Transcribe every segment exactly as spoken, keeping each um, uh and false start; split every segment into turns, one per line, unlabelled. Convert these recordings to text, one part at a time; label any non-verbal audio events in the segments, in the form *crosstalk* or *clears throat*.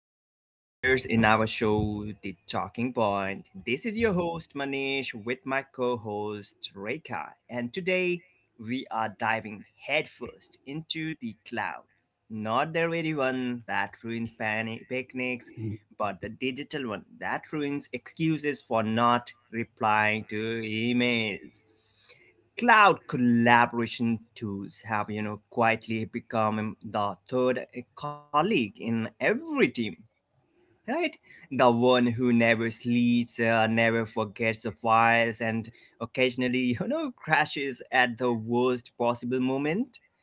to our listeners in our show, The Talking Point. This is your host Manish with my co-host Rekha, and today we are diving headfirst into the cloud, not the ready one that ruins pani- picnics, but the digital one that ruins excuses for not replying to emails. Cloud collaboration tools have you know quietly become um, the third uh, colleague in every team, right? The one who never sleeps, uh, never forgets the files, and occasionally *laughs* you know crashes at the worst possible moment.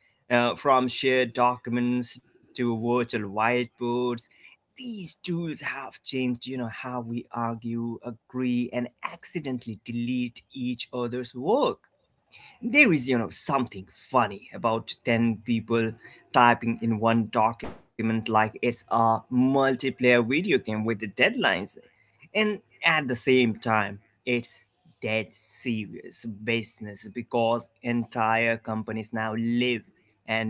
Uh, from shared documents to virtual whiteboards, these tools have changed you know how we argue, agree, and accidentally delete each other's work. There is, you know, something funny about ten people typing in one document like it's a multiplayer video game with the deadlines. And at the same time, it's dead serious business because entire companies now live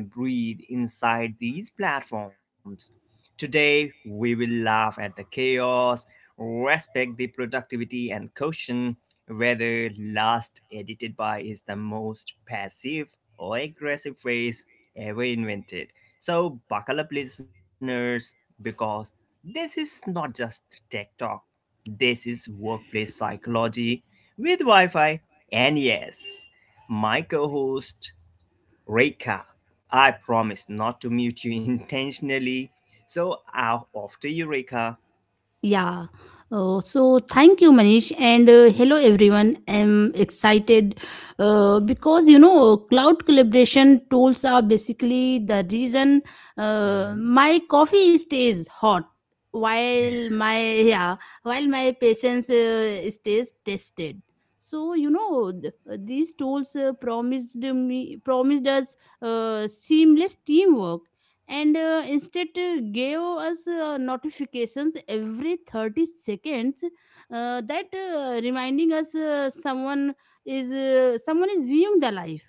and breathe inside these platforms. Today, we will laugh at the chaos, respect the productivity, and caution whether last edited by is the most passive or aggressive phrase ever invented. So, buckle up, listeners, because this is not just tech talk, this is workplace psychology with Wi Fi. And yes, my co host, Reka, I promise not to mute you *laughs* intentionally. So, I'll off to you, Reka.
Yeah. Uh, so thank you, Manish, and uh, hello everyone. I'm excited uh, because you know cloud collaboration tools are basically the reason uh,
Mhm.
my coffee stays hot while my yeah while my patience uh, stays tested. So you know th- these tools uh, promised me promised us uh, seamless teamwork and uh, instead uh, gave us uh, notifications every thirty seconds uh, that uh, reminding us uh, someone is uh, someone is viewing the life.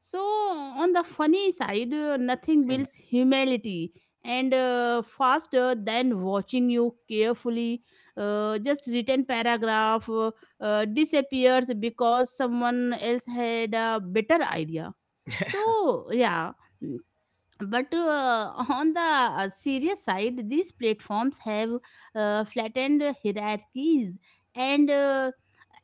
So on the funny side, uh, nothing builds humility and uh, faster than watching you carefully uh, just written paragraph uh, uh, disappears because someone else had a better idea. So yeah but uh, on the uh, serious side, these platforms have uh, flattened hierarchies and uh,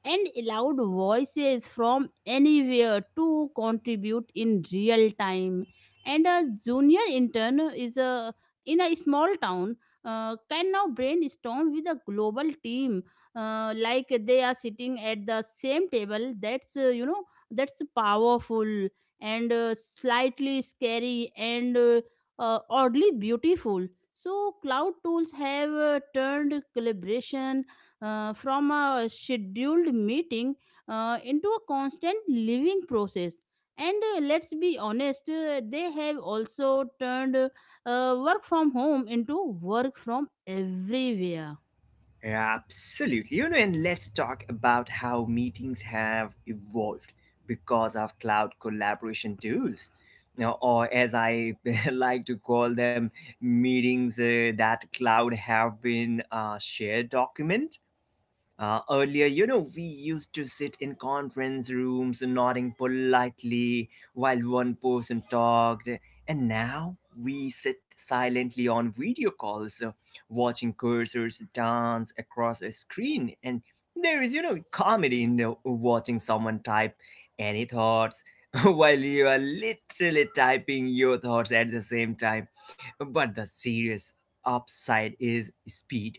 and allowed voices from anywhere to contribute in real time, and a junior intern is a in a small town uh, can now brainstorm with a global team, uh, like they are sitting at the same table. That's uh, you know that's powerful and uh, slightly scary and uh, uh, oddly beautiful. So, cloud tools have uh, turned collaboration uh, from a scheduled meeting uh, into a constant living process. And uh, let's be honest, uh, they have also turned uh, work from home into work from everywhere.
Absolutely. You know, and let's talk about how meetings have evolved because of cloud collaboration tools. You know, or as I *laughs* like to call them, meetings uh, that cloud have been a shared document. Uh, earlier, you know, we used to sit in conference rooms nodding politely while one person talked, and now we sit silently on video calls, uh, watching cursors dance across a screen. And there is, you know, comedy in uh, watching someone type any thoughts *laughs* while you are literally typing your thoughts at the same time. But the serious upside is speed,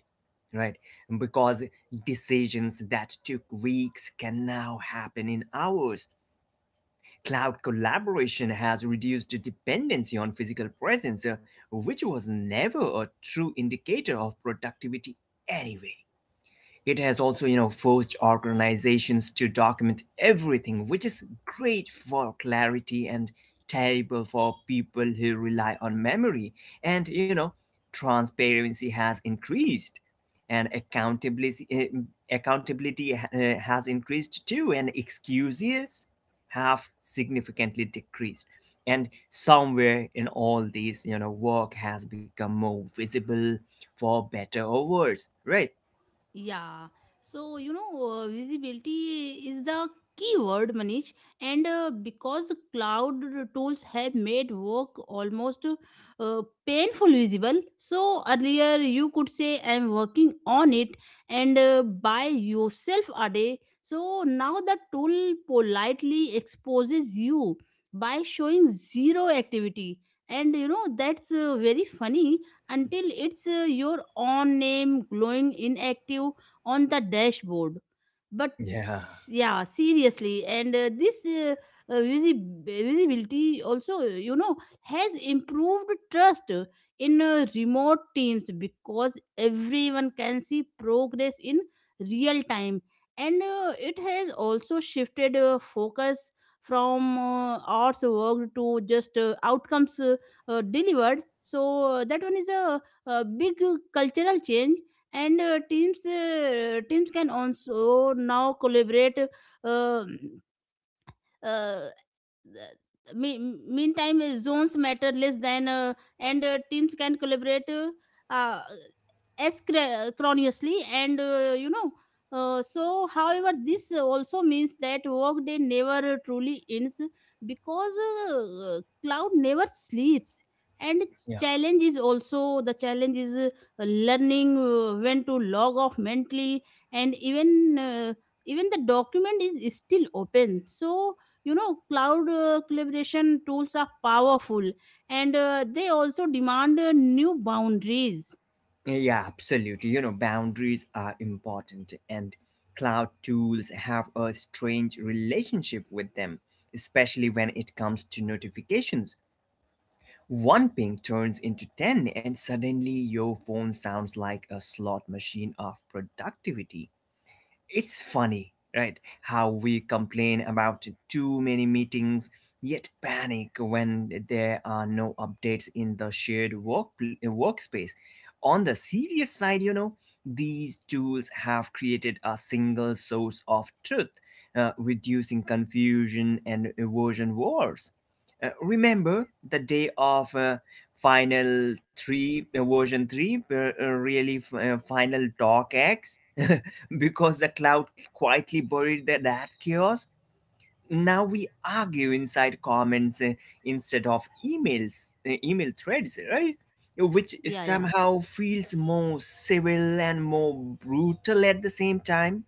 right? Because decisions that took weeks can now happen in hours. Cloud collaboration has reduced dependency on physical presence, uh, which was never a true indicator of productivity anyway. It has also, you know, forced organizations to document everything, which is great for clarity and terrible for people who rely on memory. And, you know, transparency has increased, and accountability eh, mm, accountability uh, has increased too, and excuses have significantly decreased. And somewhere in all these, you know, work has become more visible, for better or worse, right?
Yeah. So, you know, uh, visibility is the key word, Manish. And uh, because cloud tools have made work almost uh, painful visible. So earlier you could say, I'm working on it and uh, by yourself a day. So now the tool politely exposes you by showing zero activity. And you know, that's uh, very funny until it's uh, your own name glowing inactive on the dashboard. But
Yeah.
s- yeah, seriously, and uh, this uh, uh, visi- visibility also, you know, has improved trust in uh, remote teams, because everyone can see progress in real time, and uh, it has also shifted uh, focus from uh, hours worked to just uh, outcomes uh, uh, delivered. So uh, that one is a, a big uh, cultural change, and uh, teams uh, teams can also now collaborate. Uh, uh, the- mean- Meantime uh, zones matter less than uh, and uh, teams can collaborate uh, uh, asynchronously, and uh, you know uh, so however this also means that workday never truly ends because uh, cloud never sleeps. and
Yeah.
challenge is also the challenge is uh, learning uh, when to log off mentally, and even uh, even the document is still open. So you know cloud uh, collaboration tools are powerful, and uh, they also demand uh, new boundaries.
Yeah, absolutely. You know, boundaries are important, and cloud tools have a strange relationship with them, especially when it comes to notifications. One ping turns into ten, and suddenly your phone sounds like a slot machine of productivity. It's funny, right? How we complain about too many meetings, yet panic when there are no updates in the shared work workspace. On the serious side, you know, these tools have created a single source of truth, uh, reducing confusion and erosion wars. Uh, remember the day of uh, final three uh, version three uh, uh, really f- uh, final doc x *laughs* because the cloud quietly buried the, that chaos. Now we argue inside comments, uh, instead of emails, uh, email threads, right? Which
Yeah yeah
somehow feels more civil and more brutal at the same time.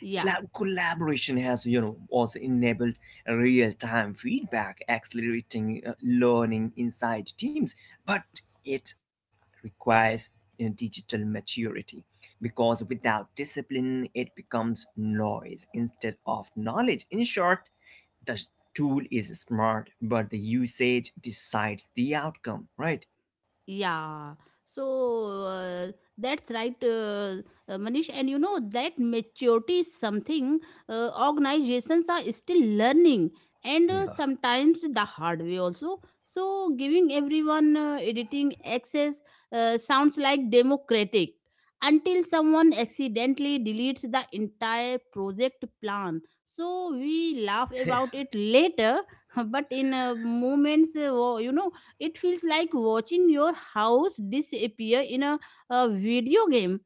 yeah
Cla- collaboration has, you know, also enabled real-time feedback, accelerating uh, learning inside teams, but it requires uh, digital maturity because without discipline it becomes noise instead of knowledge. In short, the tool is smart, but the usage decides the outcome, right?
Yeah, so uh, that's right, uh, uh, Manish. And you know that maturity is something uh, organizations are still learning, and uh,
Yeah,
sometimes the hard way also. So giving everyone uh, editing access uh, sounds like democratic until someone accidentally deletes the entire project plan. So we laugh about it later, *laughs* but in uh, moments, uh, wo- you know it feels like watching your house disappear in a, a video game.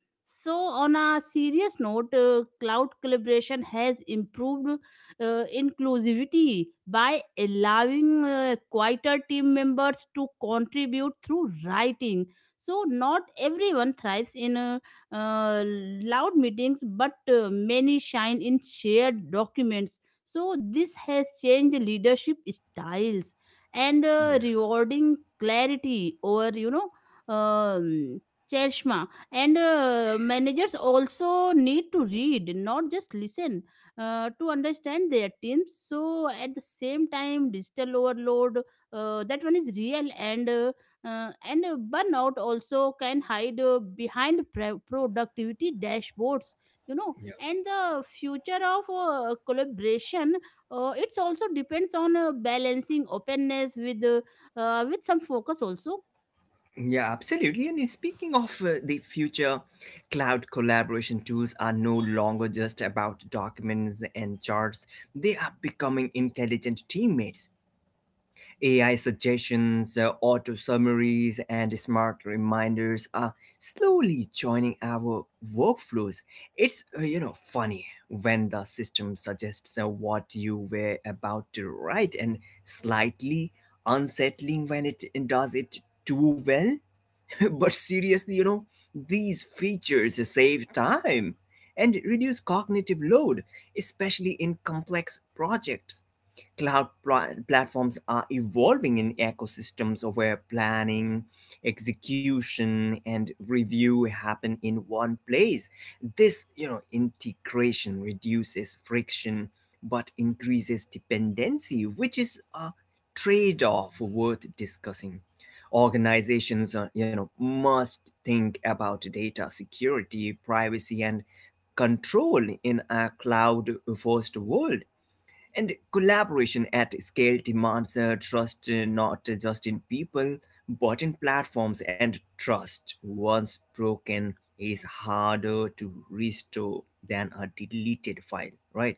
So, on a serious note, uh, cloud collaboration has improved uh, inclusivity by allowing uh, quieter team members to contribute through writing. So, not everyone thrives in uh, uh, loud meetings, but uh, many shine in shared documents. So, this has changed leadership styles and uh,
yeah,
rewarding clarity over you know um, Cherishma, and uh, managers also need to read, not just listen, uh, to understand their teams. So at the same time, digital overload uh, that one is real, and uh, uh, and uh, burnout also can hide uh, behind pre- productivity dashboards. You know,
yeah.
and the future of uh, collaboration uh, it's also depends on uh, balancing openness with uh, uh, with some focus also.
Yeah, absolutely. And speaking of uh, the future, cloud collaboration tools are no longer just about documents and charts. They are becoming intelligent teammates. A I suggestions, uh, auto summaries, and smart reminders are slowly joining our workflows. It's, uh, you know, funny when the system suggests uh, what you were about to write, and slightly unsettling when it does it too well. *laughs* But seriously, you know, these features save time and reduce cognitive load, especially in complex projects. Cloud pla- platforms are evolving in ecosystems where planning, execution, and review happen in one place. This, you know, integration reduces friction but increases dependency, which is a trade off worth discussing. Organizations, uh, you know, must think about data security, privacy, and control in a cloud first world, and collaboration at scale demands uh, trust, uh, not just in people but in platforms. And trust, once broken, is harder to restore than a deleted file, right?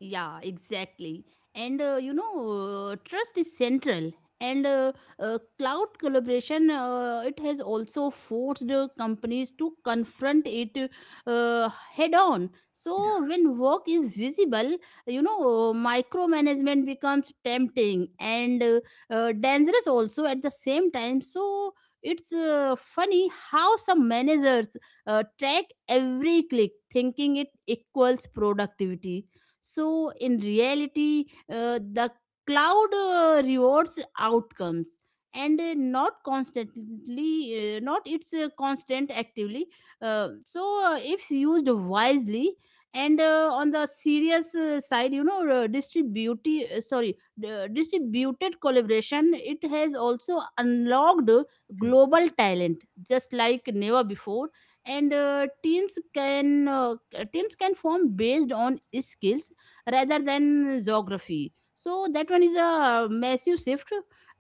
Yeah, exactly. And uh, you know, uh, trust is central. And uh, uh, cloud collaboration, uh, it has also forced uh, companies to confront it uh, head on. So when work is visible, you know, uh, micromanagement becomes tempting and uh, uh, dangerous also at the same time. So it's uh, funny how some managers uh, track every click, thinking it equals productivity. So, in reality, uh, the cloud uh, rewards outcomes and uh, not constantly, uh, not it's uh, constant actively. Uh, so, uh, if used wisely, and uh, on the serious uh, side, you know, uh, distribute, uh, sorry, uh, distributed collaboration, it has also unlocked
Hmm.
global talent just like never before, and uh, teams can uh, teams can form based on skills rather than geography. So that one is a massive shift,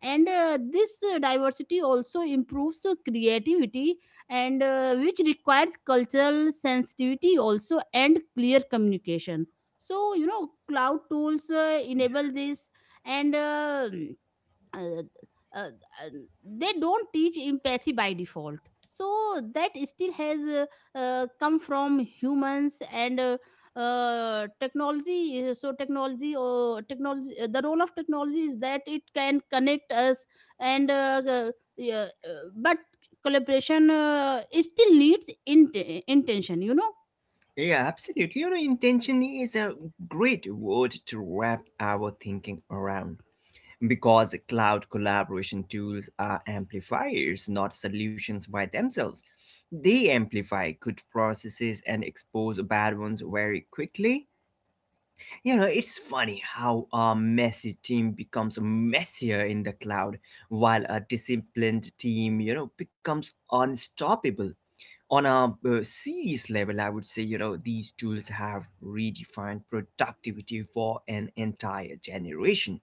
and uh, this uh, diversity also improves uh, creativity and uh, which requires cultural sensitivity also and clear communication. So you know, cloud tools uh, enable this and. Uh, uh, uh, uh, they don't teach empathy by default, so that still has uh, uh, come from humans, and uh, uh, technology uh, so technology or technology, uh, the role of technology is that it can connect us, and uh, uh, yeah, uh, but collaboration uh, it still needs int- intention, you know.
Yeah, absolutely. You know, intention is a great word to wrap our thinking around, because cloud collaboration tools are amplifiers, not solutions by themselves. They amplify good processes and expose bad ones very quickly. You know, it's funny how a messy team becomes messier in the cloud, while a disciplined team, you know, becomes unstoppable. On a uh, serious level, I would say, you know, these tools have redefined productivity for an entire generation.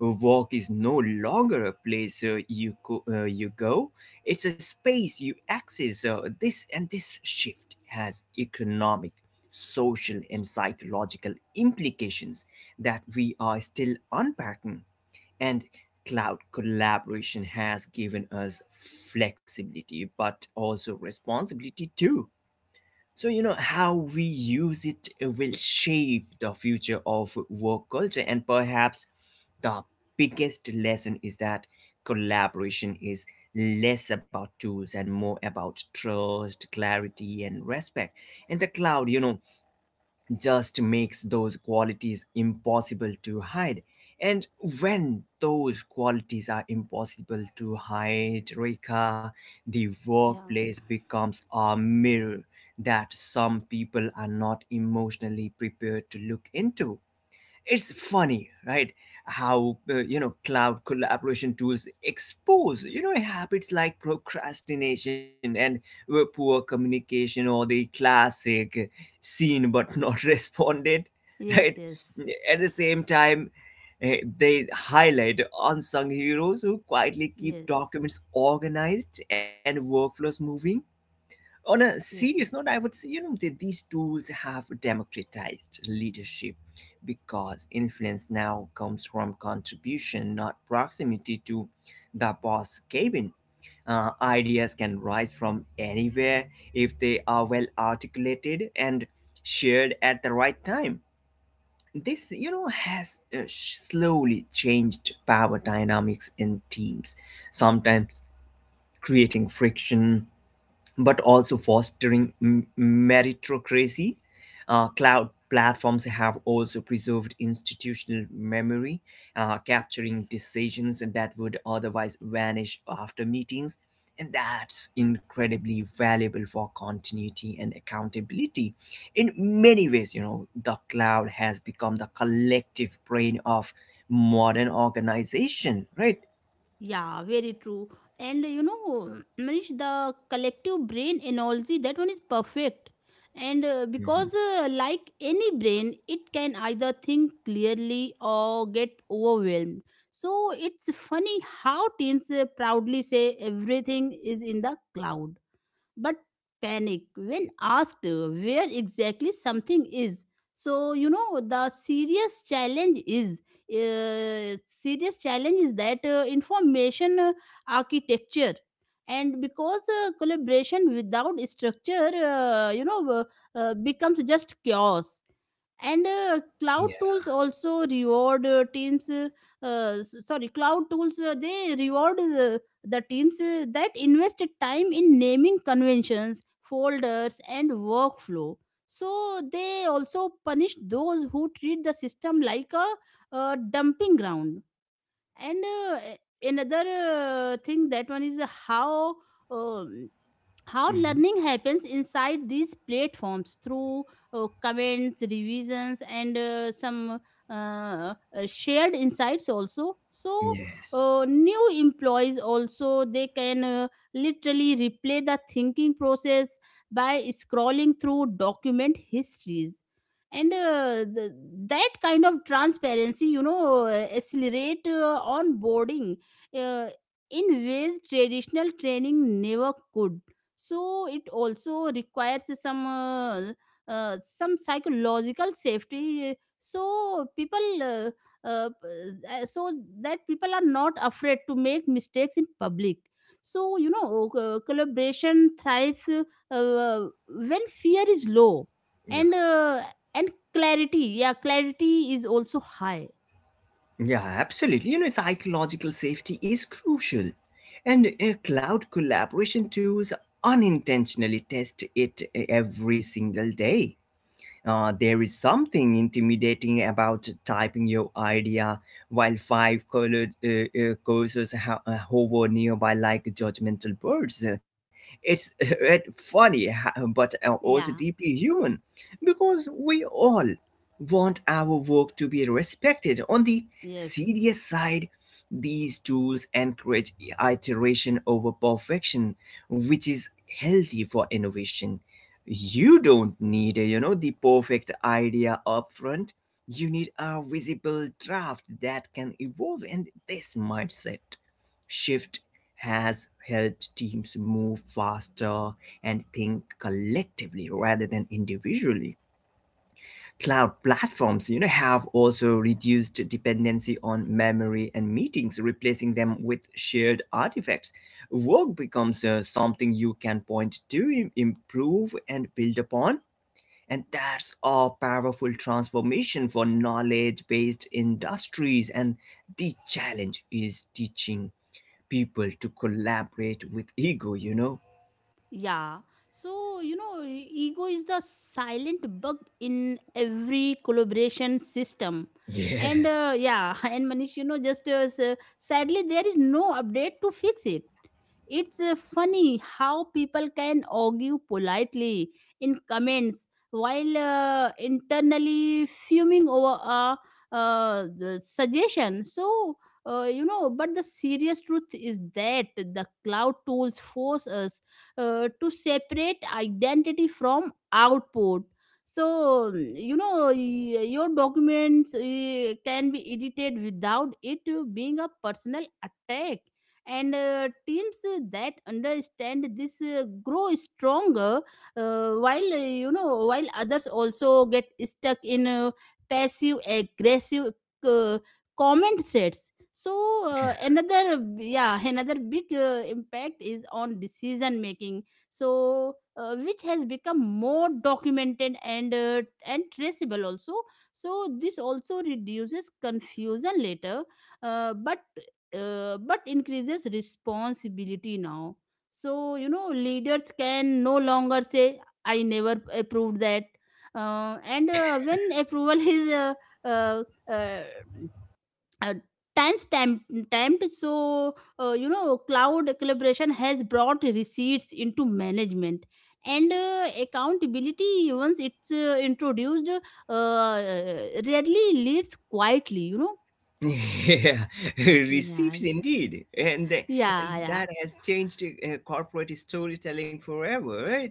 Work is no longer a place uh, you, co- uh, you go, it's a space you access. Uh, this and this shift has economic, social, and psychological implications that we are still unpacking. And cloud collaboration has given us flexibility, but also responsibility too. So, you know, how we use it will shape the future of work culture. And perhaps the biggest lesson is that collaboration is less about tools and more about trust, clarity, and respect. And the cloud, you know, just makes those qualities impossible to hide. And when those qualities are impossible to hide, Rika, the
yeah
workplace becomes a mirror that some people are not emotionally prepared to look into. It's funny, right? How, uh, you know, cloud collaboration tools expose, you know, habits like procrastination and uh, poor communication, or the classic, uh, seen but not *laughs* responded,
yes
right?
yes
At the same time, uh, they highlight unsung heroes who quietly keep
yes
documents organized and workflows moving. On a serious
yes
note, I
yes
would say, you know, that these tools have democratized leadership because influence now comes from contribution, not proximity to the boss cabin. Uh, ideas can rise from anywhere if they are well articulated and shared at the right time. This, you know, has uh, slowly changed power dynamics in teams, sometimes creating friction but also fostering m- meritocracy. Uh, cloud platforms have also preserved institutional memory, uh, capturing decisions that would otherwise vanish after meetings. And that's incredibly valuable for continuity and accountability. In many ways, you know, the cloud has become the collective brain of modern organization, right?
Yeah, very true. And you know, Manish, the collective brain analogy, that one is perfect. And uh, because,
Mhm.
uh, like any brain, it can either think clearly or get overwhelmed. So it's funny how teens uh, proudly say everything is in the cloud but panic when asked where exactly something is. So, you know, the serious challenge is. Uh, serious challenge is that uh, information uh, architecture, and because uh, collaboration without structure, uh, you know uh, uh, becomes just chaos, and uh, cloud
Yeah.
tools also reward uh, teams uh, uh, s- sorry cloud tools uh, they reward uh, the teams uh, that invest time in naming conventions, folders and workflow. So they also punish those who treat the system like a uh, dumping ground. And uh, another uh, thing that one is how um, how
Mhm.
learning happens inside these platforms through uh, comments, revisions and uh, some uh, uh, shared insights also. So uh,
Yes.
new employees also they can uh, literally replay the thinking process by scrolling through document histories, and uh, th- that kind of transparency, you know, uh, accelerate uh, onboarding uh, in ways traditional training never could. So it also requires some uh, uh, some psychological safety, so people uh, uh, uh, so that people are not afraid to make mistakes in public. So you know uh, collaboration thrives uh, when fear is low,
Yeah.
and uh, and clarity, yeah clarity is also high.
Yeah, absolutely. You know, psychological safety is crucial. And uh, cloud collaboration tools unintentionally test it uh, every single day. Uh, there is something intimidating about typing your idea while five colored uh, uh, cursors ho- uh, hover nearby like judgmental birds. Uh, It's *laughs* uh, funny, ha- but uh, also
yeah
deeply human because we all want our work to be respected. On the
yes
serious side, these tools encourage iteration over perfection, which is healthy for innovation. You don't need, you know, the perfect idea up front. You need a visible draft that can evolve, and this mindset shift has helped teams move faster and think collectively rather than individually. Cloud platforms, you know, have also reduced dependency on memory and meetings, replacing them with shared artifacts. Work becomes uh, something you can point to, im- improve, and build upon, and that's a powerful transformation for knowledge based industries. And the challenge is teaching people to collaborate with ego, you know?
Yeah. So, you know, e- ego is the silent bug in every collaboration system.
Yeah.
And
*laughs*
uh, yeah, *laughs* and Manish, you know, just uh, s- uh, sadly, there is no update to fix it. It's uh, funny how people can argue politely in comments while uh, internally fuming over a uh, the suggestion. So, uh, you know, but the serious truth is that the cloud tools force us uh, to separate identity from output. So mm, you know y- your documents uh, can be edited without it being a personal attack, and uh, teams that understand this uh, grow stronger uh, while uh, you know while others also get stuck in uh, passive aggressive uh, comment threads. So uh, another yeah another big uh, impact is on decision making, so uh, which has become more documented and uh, and traceable also. So this also reduces confusion later, uh, but uh, but increases responsibility now. So you know leaders can no longer say I never approved that, uh, and uh, when approval *laughs* is uh, uh, uh, times time. So uh, you know cloud collaboration has brought receipts into management, and uh, accountability, once it's uh, introduced, uh, rarely lives quietly, you know.
Yeah, *laughs*
Yeah.
receipts indeed. And th-
yeah yeah
that has changed uh, corporate storytelling forever, right?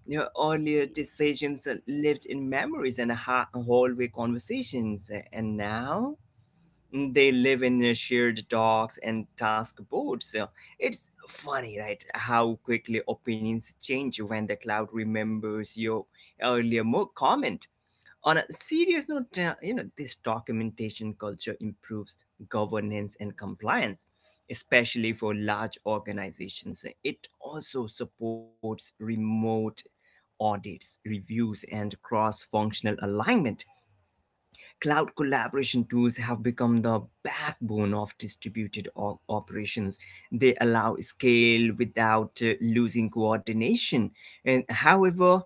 You know, earlier decisions uh, lived in memories and ha- hallway conversations. And now they live in uh, shared docks and task boards. So it's funny, right? How quickly opinions change when the cloud remembers your earlier mo- comment. On a serious note, uh, you know, this documentation culture improves governance and compliance, especially for large organizations. It also supports remote audits, reviews, and cross functional alignment. Cloud collaboration tools have become the backbone of distributed o- operations. They allow scale without uh, losing coordination. And however,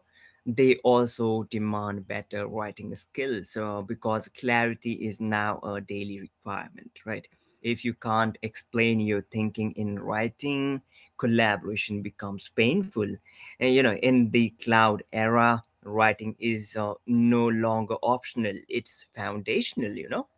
they also demand better writing skills, uh, because clarity is now a daily requirement, right? If you can't explain your thinking in writing, collaboration becomes painful. And, you know, in the cloud era, writing is, uh, no longer optional, it's foundational, you know?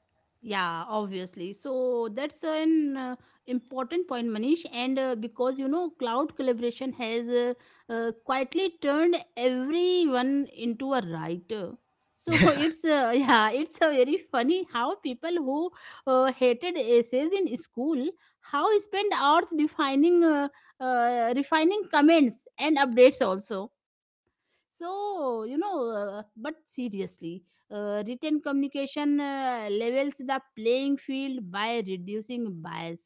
Yeah, obviously. So that's an uh, important point, Manish. And uh, because you know, cloud collaboration has uh, uh, quietly turned everyone into a writer. So *laughs* it's uh, yeah, it's a very funny how people who uh, hated essays in school how spend hours defining, uh, uh, refining comments and updates also. So, you know, uh, but seriously, uh, written communication uh, levels the playing field by reducing bias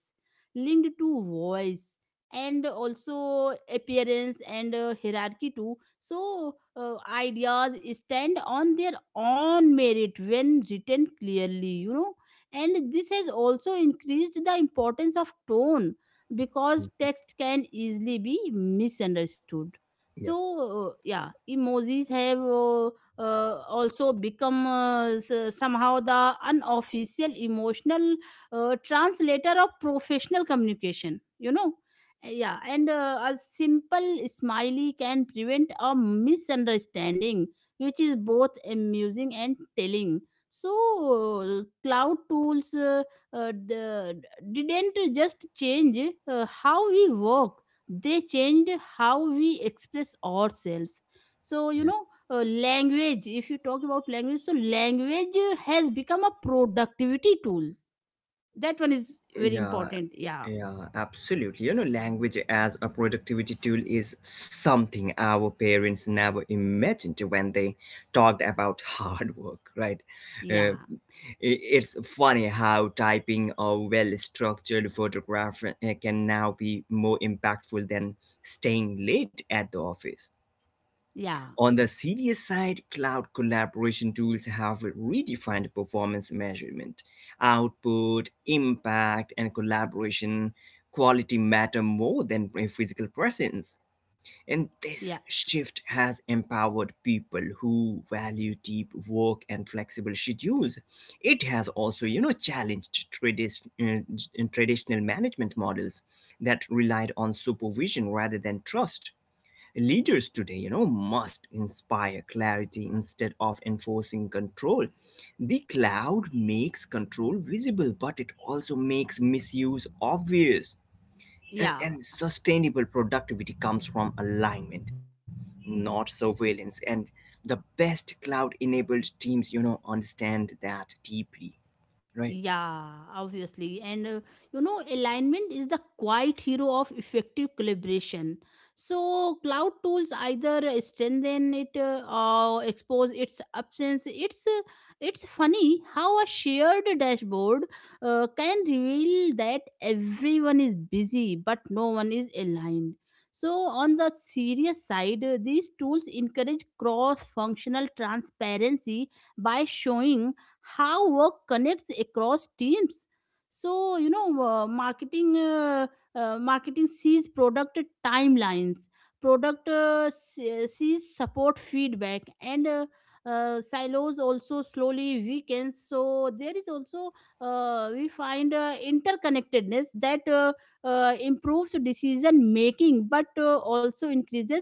linked to voice and also appearance and uh, hierarchy too. So, uh, ideas stand on their own merit when written clearly, you know. And this has also increased the importance of tone because
Mm.
text can easily be misunderstood. So,
Yeah.
uh, yeah, emojis have uh, uh, also become uh, s- somehow the unofficial emotional uh, translator of professional communication, you know. Yeah, and uh, a simple smiley can prevent a misunderstanding, which is both amusing and telling. So, uh, cloud tools uh, uh, d- didn't just change uh, how we work, they change how we express ourselves. So you
Yeah.
know uh, language, if you talk about language, so language uh, has become a productivity tool. That one is very
Yeah,
important. yeah
yeah, absolutely. You know, language as a productivity tool is something our parents never imagined when they talked about *laughs* hard work, right? Uh,
yeah
i- it's funny how typing a well-structured photograph uh, can now be more impactful than staying late at the office.
yeah
On the serious side, cloud collaboration tools have redefined performance measurement. Output, impact, and collaboration quality matter more than physical presence. And
yeah
this shift has empowered people who value deep work and flexible schedules. It has also, you know, challenged tradis- uh, traditional management models that relied on supervision rather than trust. Leaders today, you know, must inspire clarity instead of enforcing control. The cloud makes control visible, but it also makes misuse obvious. And,
yeah
and sustainable productivity comes from alignment, not surveillance. And the best cloud enabled teams, you know, understand that deeply, right?
Yeah, obviously. And uh, you know, alignment is the quiet hero of effective collaboration. So, cloud tools either strengthen it, uh, or expose its absence. It's uh, it's funny how a shared dashboard uh, can reveal that everyone is busy but no one is aligned. So, on the serious side, uh, these tools encourage cross functional transparency by showing how work connects across teams. So you know uh, marketing uh, uh, marketing sees product timelines, product uh, se- sees support feedback, and uh, uh, silos also slowly weakens. So there is also, uh, we find uh, interconnectedness that uh, uh, improves decision making but uh, also increases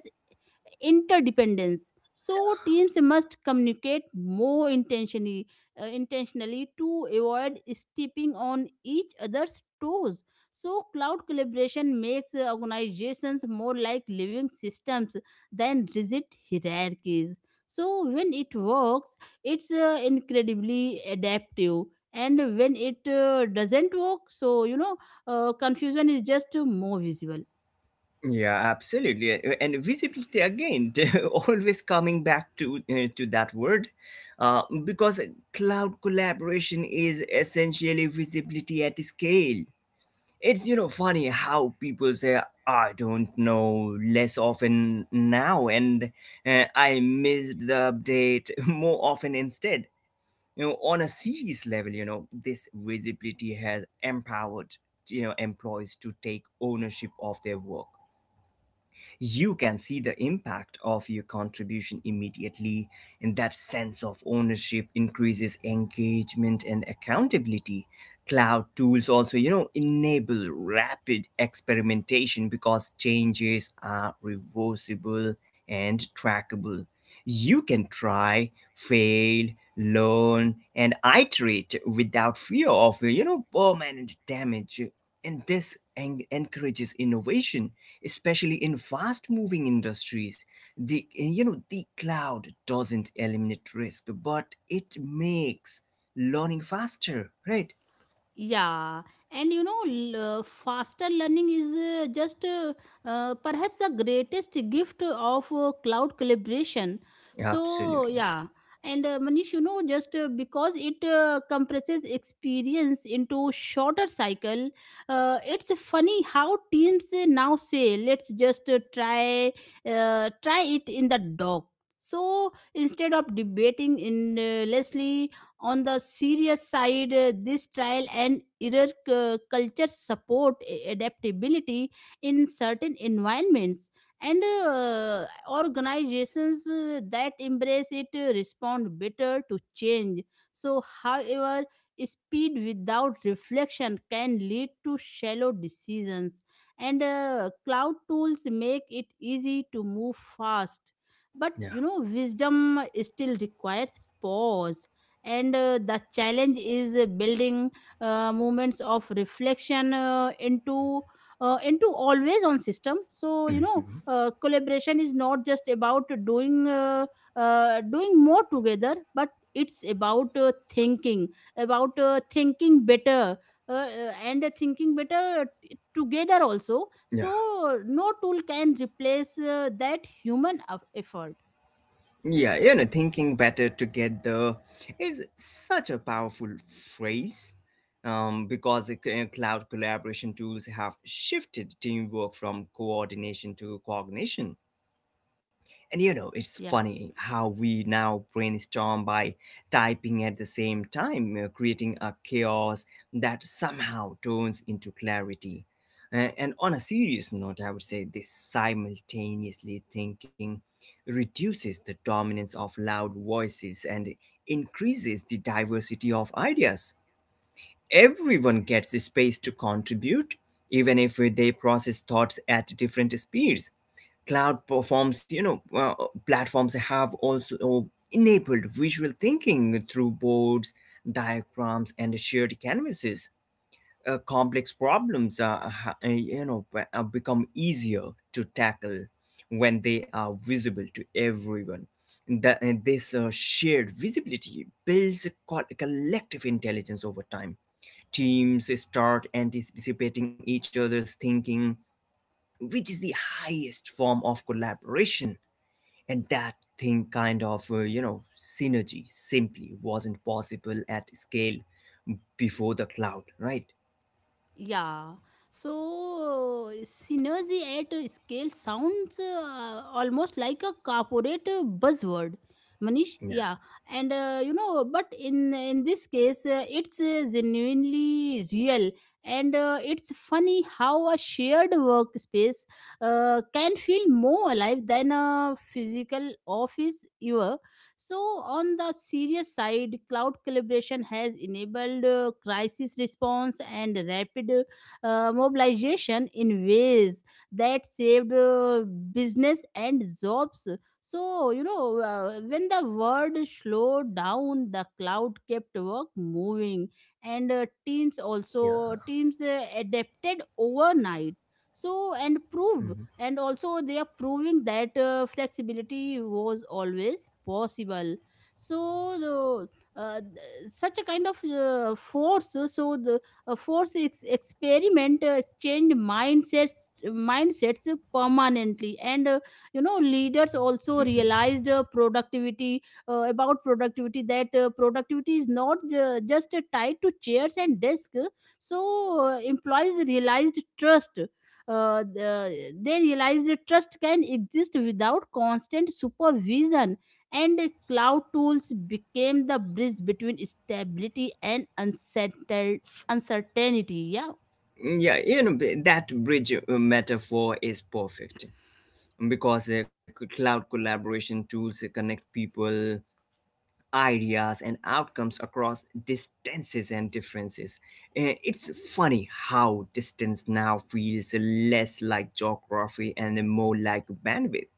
interdependence. So teams must communicate more intentionally, uh, intentionally to avoid stepping on each other's toes. So cloud collaboration makes uh, organizations more like living systems than rigid hierarchies. So when it works, it's uh, incredibly adaptive, and when it uh, doesn't work, so you know uh, confusion is just uh, more visible.
Yeah, absolutely, and visibility again, *laughs* always coming back to uh, to that word, uh, because cloud collaboration is essentially visibility at scale. It's you know funny how people say I don't know less often now, and uh, I missed the update *laughs* more often instead. You know, on a serious level, you know this visibility has empowered you know employees to take ownership of their work. You can see the impact of your contribution immediately, and that sense of ownership increases engagement and accountability. Cloud tools also, you know, enable rapid experimentation because changes are reversible and trackable. You can try, fail, learn, and iterate without fear of, you know, permanent damage. And this en- encourages innovation, especially in fast moving industries. The you know the cloud doesn't eliminate risk, but it makes learning faster, right?
Yeah, and you know, l- uh, faster learning is uh, just uh, uh, perhaps the greatest gift of uh, cloud collaboration. So,
Absolutely.
yeah, and uh, Manish, you know, just uh, because it uh, compresses experience into shorter cycle, uh, it's funny how teams uh, now say, let's just uh, try uh, try it in the dock. So instead of debating endlessly, on the serious side, uh, this trial and error cu- culture support a- adaptability in certain environments, and uh, organizations uh, that embrace it uh, respond better to change. So however, speed without reflection can lead to shallow decisions, and uh, cloud tools make it easy to move fast, but
Yeah.
you know, wisdom still requires pause. And uh, the challenge is uh, building uh, moments of reflection uh, into, uh, into always on system. So you know,
Mhm.
uh, collaboration is not just about doing uh, uh, doing more together, but it's about uh, thinking, about uh, thinking better, uh, uh, and uh, thinking better uh, t- together also.
Yeah,
So no tool can replace uh, that human of effort.
yeah, you know, thinking better together is such a powerful phrase, um, because the c- uh, cloud collaboration tools have shifted teamwork from coordination to cognition. And you know, it's
Yeah.
funny how we now brainstorm by typing at the same time, uh, creating a chaos that somehow turns into clarity. Uh, and on a serious note, I would say this simultaneously thinking reduces the dominance of loud voices and increases the diversity of ideas. Everyone gets a space to contribute, even if uh, they process thoughts at different speeds. Cloud performs you know uh, Platforms have also uh, enabled visual thinking through boards, diagrams and shared canvases. Uh, complex problems are ha- uh, you know be- uh, become easier to tackle when they are visible to everyone. The, and this uh, shared visibility builds co- collective intelligence over time. Teams start anticipating each other's thinking, which is the highest form of collaboration, and that thing kind of uh, you know synergy simply wasn't possible at scale before the cloud, right?
Yeah. So, uh, synergy at a scale sounds uh, almost like a corporate uh, buzzword. Manish,
Yeah.
yeah, and uh, you know, but in in this case, uh, it's uh, genuinely real, and uh, it's funny how a shared workspace uh, can feel more alive than a physical office ever. So, on the serious side, cloud collaboration has enabled uh, crisis response and rapid uh, mobilization in ways that saved uh, business and jobs. So, you know, uh, when the world slowed down, the cloud kept work moving, and uh, teams also
Yeah.
teams uh, adapted overnight, so and proved,
Mhm.
and also they are proving that uh, flexibility was always possible. So the uh, th- such a kind of uh, force, uh, so the uh, force ex- experiment uh, changed mindsets mindsets permanently. And uh, you know, leaders also
Mhm.
realized uh, productivity, uh, about productivity, that uh, productivity is not uh, just uh, tied to chairs and desks. So uh, employees realized trust uh, the, they realize that trust can exist without constant supervision. And cloud tools became the bridge between stability and uncertain, uncertainty. Yeah,
Yeah, you know, b- that bridge uh, metaphor is perfect because uh, c- cloud collaboration tools uh, connect people, ideas and outcomes across distances and differences. Uh, it's funny how distance now feels less like geography and more like bandwidth.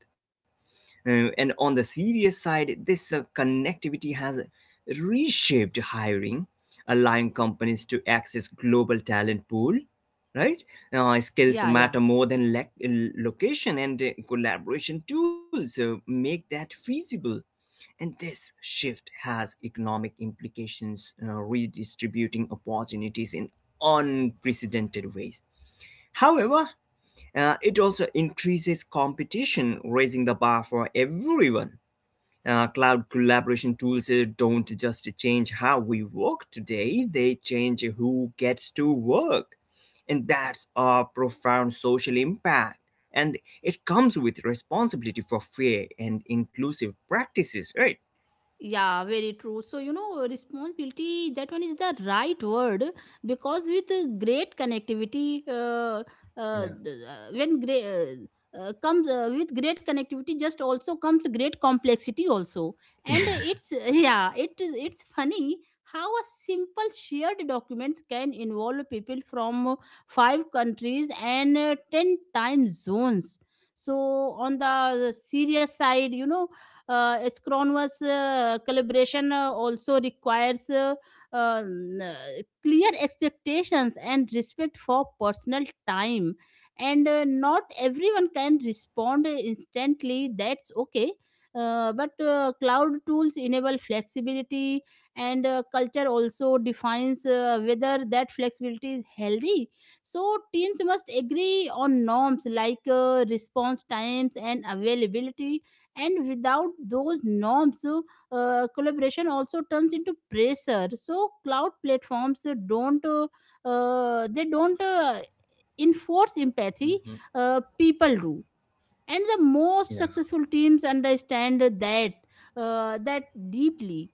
Uh, and on the serious side, this uh, connectivity has reshaped hiring, allowing companies to access global talent pool. Right now, skills
yeah, yeah.
matter more than lec- location, and uh, collaboration tools uh, make that feasible. And this shift has economic implications, uh, redistributing opportunities in unprecedented ways. However, uh, it also increases competition, raising the bar for everyone. Uh, cloud collaboration tools uh, don't just change how we work today, they change who gets to work. And that's a profound social impact. And it comes with responsibility for fair and inclusive practices, right?
Yeah, very true. So, you know, responsibility, that one is the right word, because with uh, great connectivity, uh, uh,
Yeah.
th- uh, when great. Uh, uh, comes uh, with great connectivity just also comes great complexity also. And uh, it's *laughs* yeah it is, it's funny how a simple shared documents can involve people from uh, five countries and uh, ten time zones. So on the serious side, you know, uh, Scrum-Verse uh, collaboration uh, also requires uh, um, uh, clear expectations and respect for personal time. And uh, not everyone can respond instantly. That's okay. Uh, but uh, cloud tools enable flexibility, and uh, culture also defines uh, whether that flexibility is healthy. So teams must agree on norms like uh, response times and availability, and without those norms, uh, collaboration also turns into pressure. So cloud platforms uh, don't uh, uh, they don't uh, enforce empathy,
Mhm.
uh, people do. And the most
Yeah.
successful teams understand that uh, that deeply.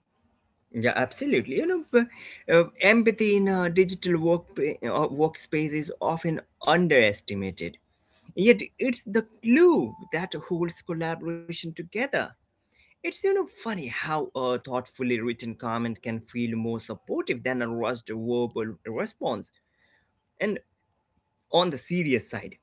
Yeah, absolutely. You know, b- uh, empathy in a digital work uh, workspace is often underestimated. Yet it's the glue that holds collaboration together. It's you know funny how a thoughtfully written comment can feel more supportive than a rushed verbal response. And on the serious side,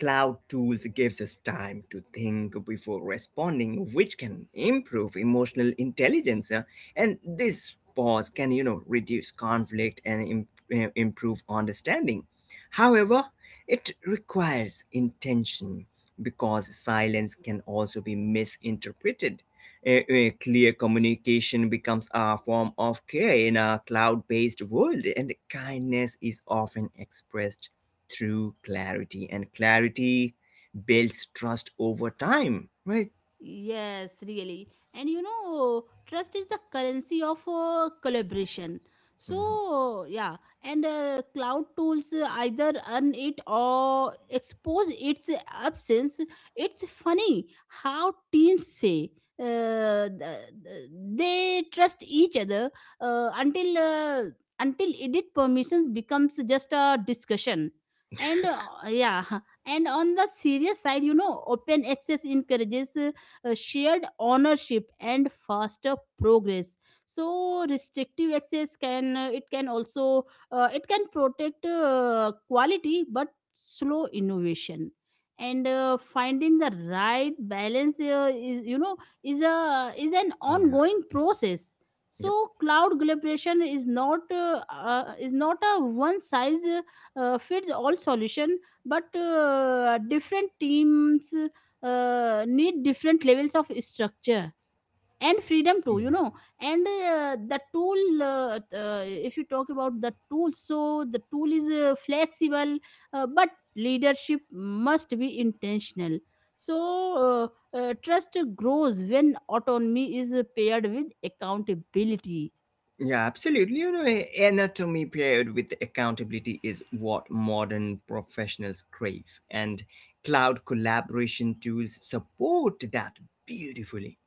cloud tools gives us time to think before responding, which can improve emotional intelligence. Uh, And this pause can you know reduce conflict and im- uh, improve understanding. However, it requires intention because silence can also be misinterpreted. Eh, eh, clear communication becomes a form of care in a cloud based world, and kindness is often expressed through clarity, and clarity builds trust over time, right?
Yes, really. And you know, trust is the currency of uh, collaboration. So, yeah, and uh, cloud tools uh, either earn it or expose its absence. It's funny how teams say uh, th- th- they trust each other uh, until, uh, until edit permissions becomes just a discussion. And uh, yeah, *laughs* and on the serious side, you know, open access encourages uh, shared ownership and faster progress. So restrictive access can, uh, it can also, uh, it can protect uh, quality but slow innovation. And uh, finding the right balance uh, is, you know, is a, is an
Yeah,
ongoing process.
yep.
So cloud collaboration is not, uh, uh, is not a one size uh, fits all solution, but uh, different teams uh, need different levels of structure and freedom too,
Mm.
you know. And uh, the tool, uh, uh, if you talk about the tool, so the tool is uh, flexible, uh, but leadership must be intentional. So uh, uh, trust grows when autonomy is paired with accountability.
Yeah, absolutely. You know, a- anatomy paired with accountability is what modern professionals crave, and cloud collaboration tools support that beautifully.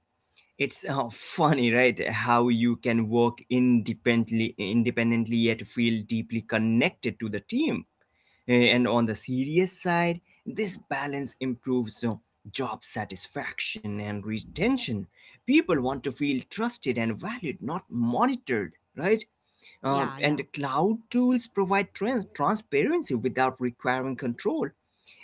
It's uh, funny, right? How you can work independently, independently yet feel deeply connected to the team. Eh, And on the serious side, this balance improves uh, job satisfaction and retention. People want to feel trusted and valued, not monitored, right? Um,
Yeah, yeah,
and cloud tools provide trans- transparency without requiring control,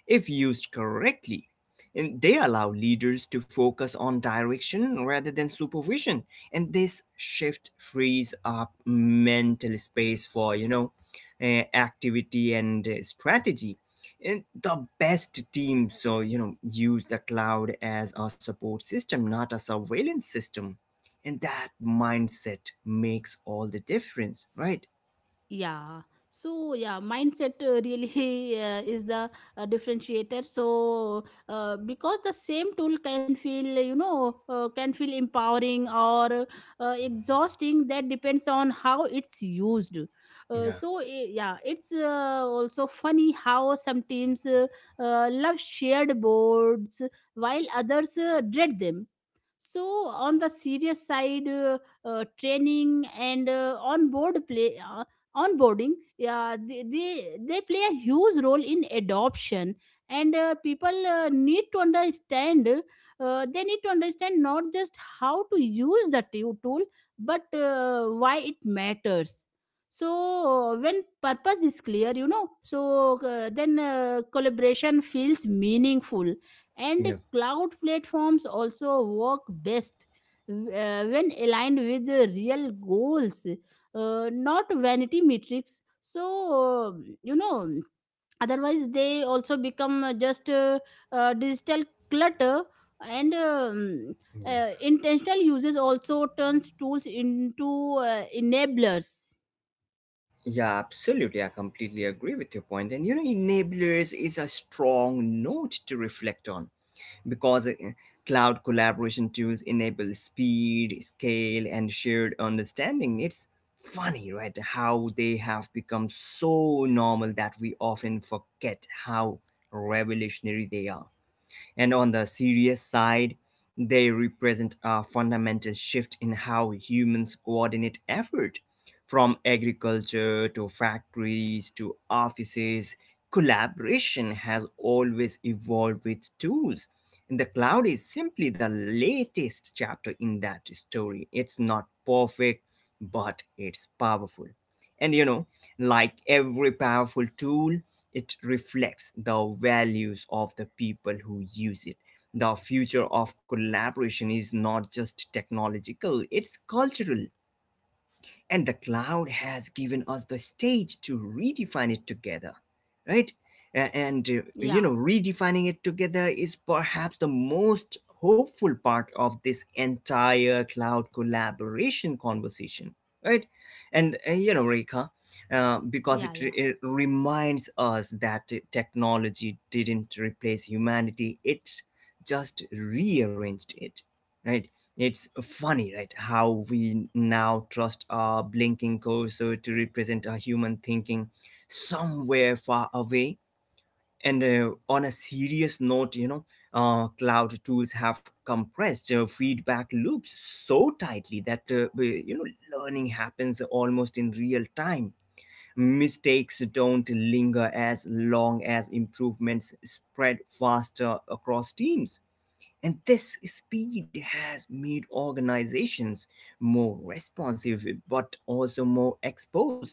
if used correctly, and they allow leaders to focus on direction rather than supervision, and this shift frees up mental space for you know eh, activity and eh, strategy. And the best teams, so you know, use the cloud as a support system, not a surveillance system, and that mindset makes all the difference, right?
yeah. So yeah, mindset uh, really *laughs* uh, is the uh, differentiator. So uh, because the same tool can feel, you know, uh, can feel empowering or uh, exhausting, that depends on how it's used. Uh,
Yeah,
so I- yeah, it's uh, also funny how some teams uh, uh, love shared boards while others uh, dread them. So on the serious side, uh, uh, training and uh, on board play uh, onboarding, yeah, they, they they play a huge role in adoption. And uh, people uh, need to understand, uh, they need to understand not just how to use the tu- tool, but uh, why it matters. So when purpose is clear, you know, so uh, then uh, collaboration feels meaningful. And
yeah,
cloud platforms also work best uh, when aligned with the real goals, uh, not vanity metrics. So, uh, you know, otherwise they also become uh, just uh, uh, digital clutter. And um,
yeah.
uh, intentional users also turns tools into uh, enablers.
Yeah, absolutely. I completely agree with your point. And you know, enablers is a strong note to reflect on because uh, cloud collaboration tools enable speed, scale, and shared understanding. It's funny, right? How they have become so normal that we often forget how revolutionary they are. And on the serious side, they represent a fundamental shift in how humans coordinate effort, from agriculture to factories to offices. Collaboration has always evolved with tools. And the cloud is simply the latest chapter in that story. It's not perfect, but it's powerful. And you know, like every powerful tool, it reflects the values of the people who use it. The future of collaboration is not just technological, it's cultural, and the cloud has given us the stage to redefine it together, right? A- and uh, you
Yeah,
know redefining it together is perhaps the most hopeful part of this entire cloud collaboration conversation right and uh, You know, reka, uh, because
yeah,
it,
yeah.
re- it reminds us that uh, technology didn't replace humanity, it just rearranged it, right? It's funny, right, how we now trust our blinking cursor to represent our human thinking somewhere far away. And uh, on a serious note, you know, uh, cloud tools have compressed uh, feedback loops so tightly that, uh, we- you know, learning happens almost in real time. Mistakes don't linger as long as improvements spread faster across teams. And this speed has made organizations more responsive but also more exposed.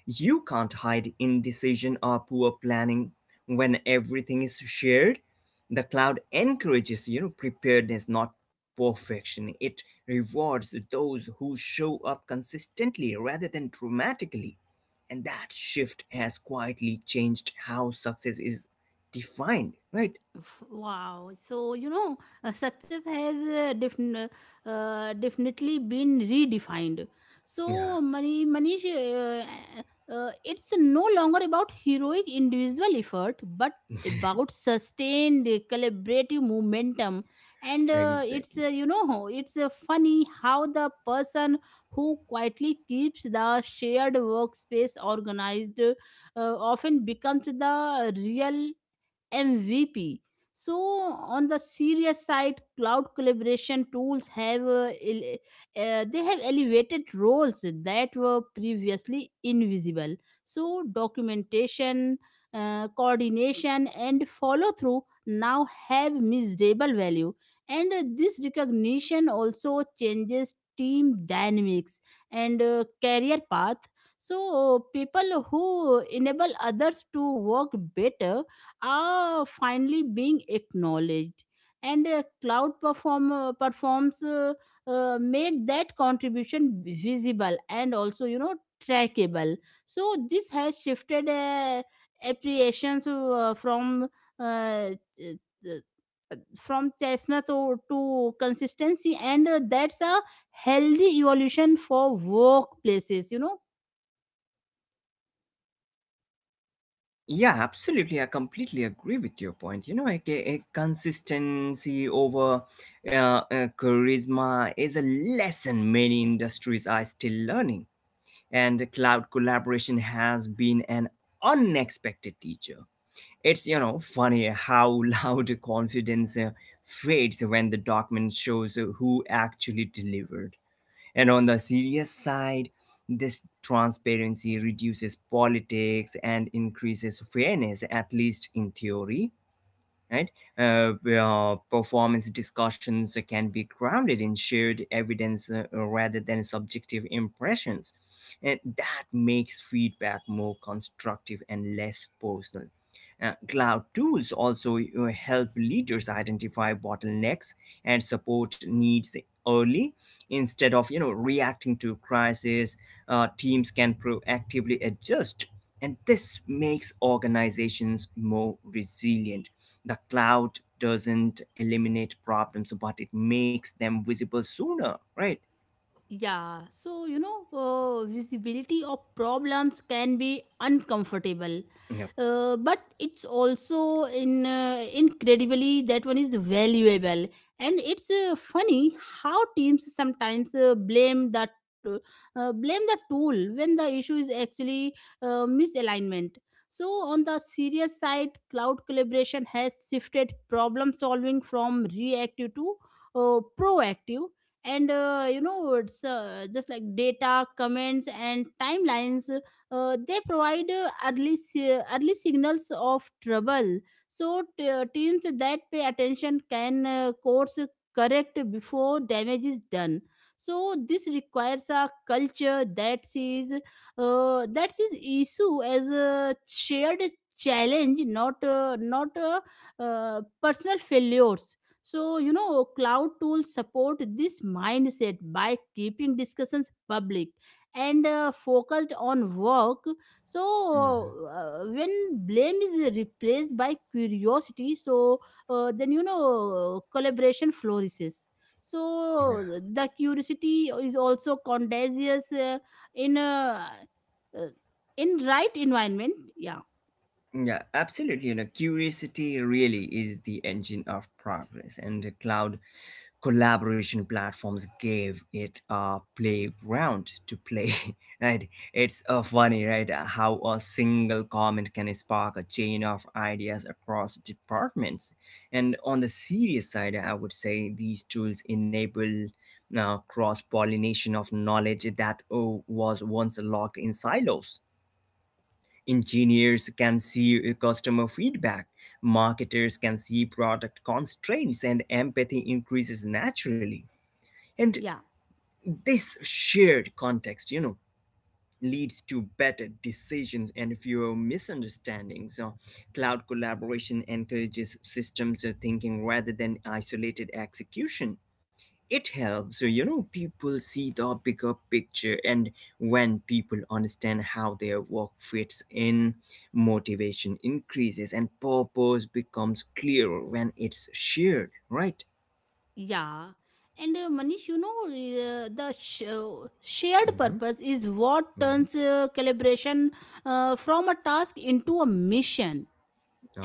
You can't hide indecision or poor planning when everything is shared. The cloud encourages, you know, preparedness, not perfection. It rewards those who show up consistently rather than dramatically. And that shift has quietly changed how success is defined, right?
Wow. So, you know, uh, success has uh, defin- uh, uh, definitely been redefined.
Yeah,
So, Mani- Manish, uh, uh, uh, it's no longer about heroic individual effort, but about sustained uh, collaborative momentum. And uh, it's, uh,
exactly.
you know, it's uh, funny how the person who quietly keeps the shared workspace organized uh, often becomes the real M V P. So, on the serious side, cloud collaboration tools have uh, ele- uh, they have elevated roles that were previously invisible. So, documentation, uh, coordination, and follow through now have measurable value, and uh, this recognition also changes team dynamics and uh, career path. So uh, people who enable others to work better are finally being acknowledged. And a cloud performer performs, uh, uh, make that contribution visible and also you know trackable. So this has shifted uh, appreciations uh, from uh, th- th- from chestnut to, to consistency, and uh, that's a healthy evolution for workplaces, you know.
Yeah, absolutely. I completely agree with your point. You know, like a, a consistency over uh, uh, charisma is a lesson many industries are still learning. And cloud collaboration has been an unexpected teacher. It's, you know, funny how *laughs* loud confidence uh, fades when the document shows uh, who actually delivered. And on the serious side, this transparency reduces politics and increases fairness, at least in theory. Right? Uh, where performance discussions can be grounded in shared evidence uh, rather than subjective impressions. And that makes feedback more constructive and less personal. Uh, cloud tools also uh, help leaders identify bottlenecks and support needs early instead of you know reacting to crisis. Uh, teams can proactively adjust, and this makes organizations more resilient. The cloud doesn't eliminate problems but it makes them visible sooner, right?
Yeah, so you know, uh, visibility of problems can be uncomfortable,
Yeah.
uh, but it's also in uh, incredibly, that one is valuable. And it's uh, funny how teams sometimes uh, blame that uh, uh, blame the tool when the issue is actually uh, misalignment. So on the serious side, cloud collaboration has shifted problem solving from reactive to uh, proactive. And uh, you know, it's uh, just like data comments and timelines, uh, they provide uh, early si- early signals of trouble. So t- uh, teams that pay attention can uh, course correct before damage is done. So this requires a culture that sees, uh, that sees issue as a shared challenge, not uh, not uh, uh, personal failures. So, you know, cloud tools support this mindset by keeping discussions public and uh, focused on work. So,
Mhm.
uh, when blame is replaced by curiosity, so uh, then, you know, collaboration flourishes.
Yeah.
So, the curiosity is also contagious uh, in, uh, uh, in right environment. Yeah,
Yeah, absolutely, you know curiosity really is the engine of progress and the cloud collaboration platforms gave it a playground to play. *laughs* Right? It's uh, funny, right. Uh, how a single comment can spark a chain of ideas across departments. And on the serious side, I would say these tools enable uh, cross-pollination of knowledge that oh, was once locked in silos. Engineers can see uh, customer feedback, marketers can see product constraints, and empathy increases naturally. And
yeah.
this shared context, you know, leads to better decisions and fewer misunderstandings. So cloud collaboration encourages systems uh, thinking rather than isolated execution. It helps, uh, you know, people see the bigger picture, and when people understand how their work fits in, motivation increases and purpose becomes clearer when it's shared, right?
Yeah. And uh, Manish, you know, uh, the sh- uh, shared
Hmm.
purpose is what turns uh, calibration uh, from a task into a mission.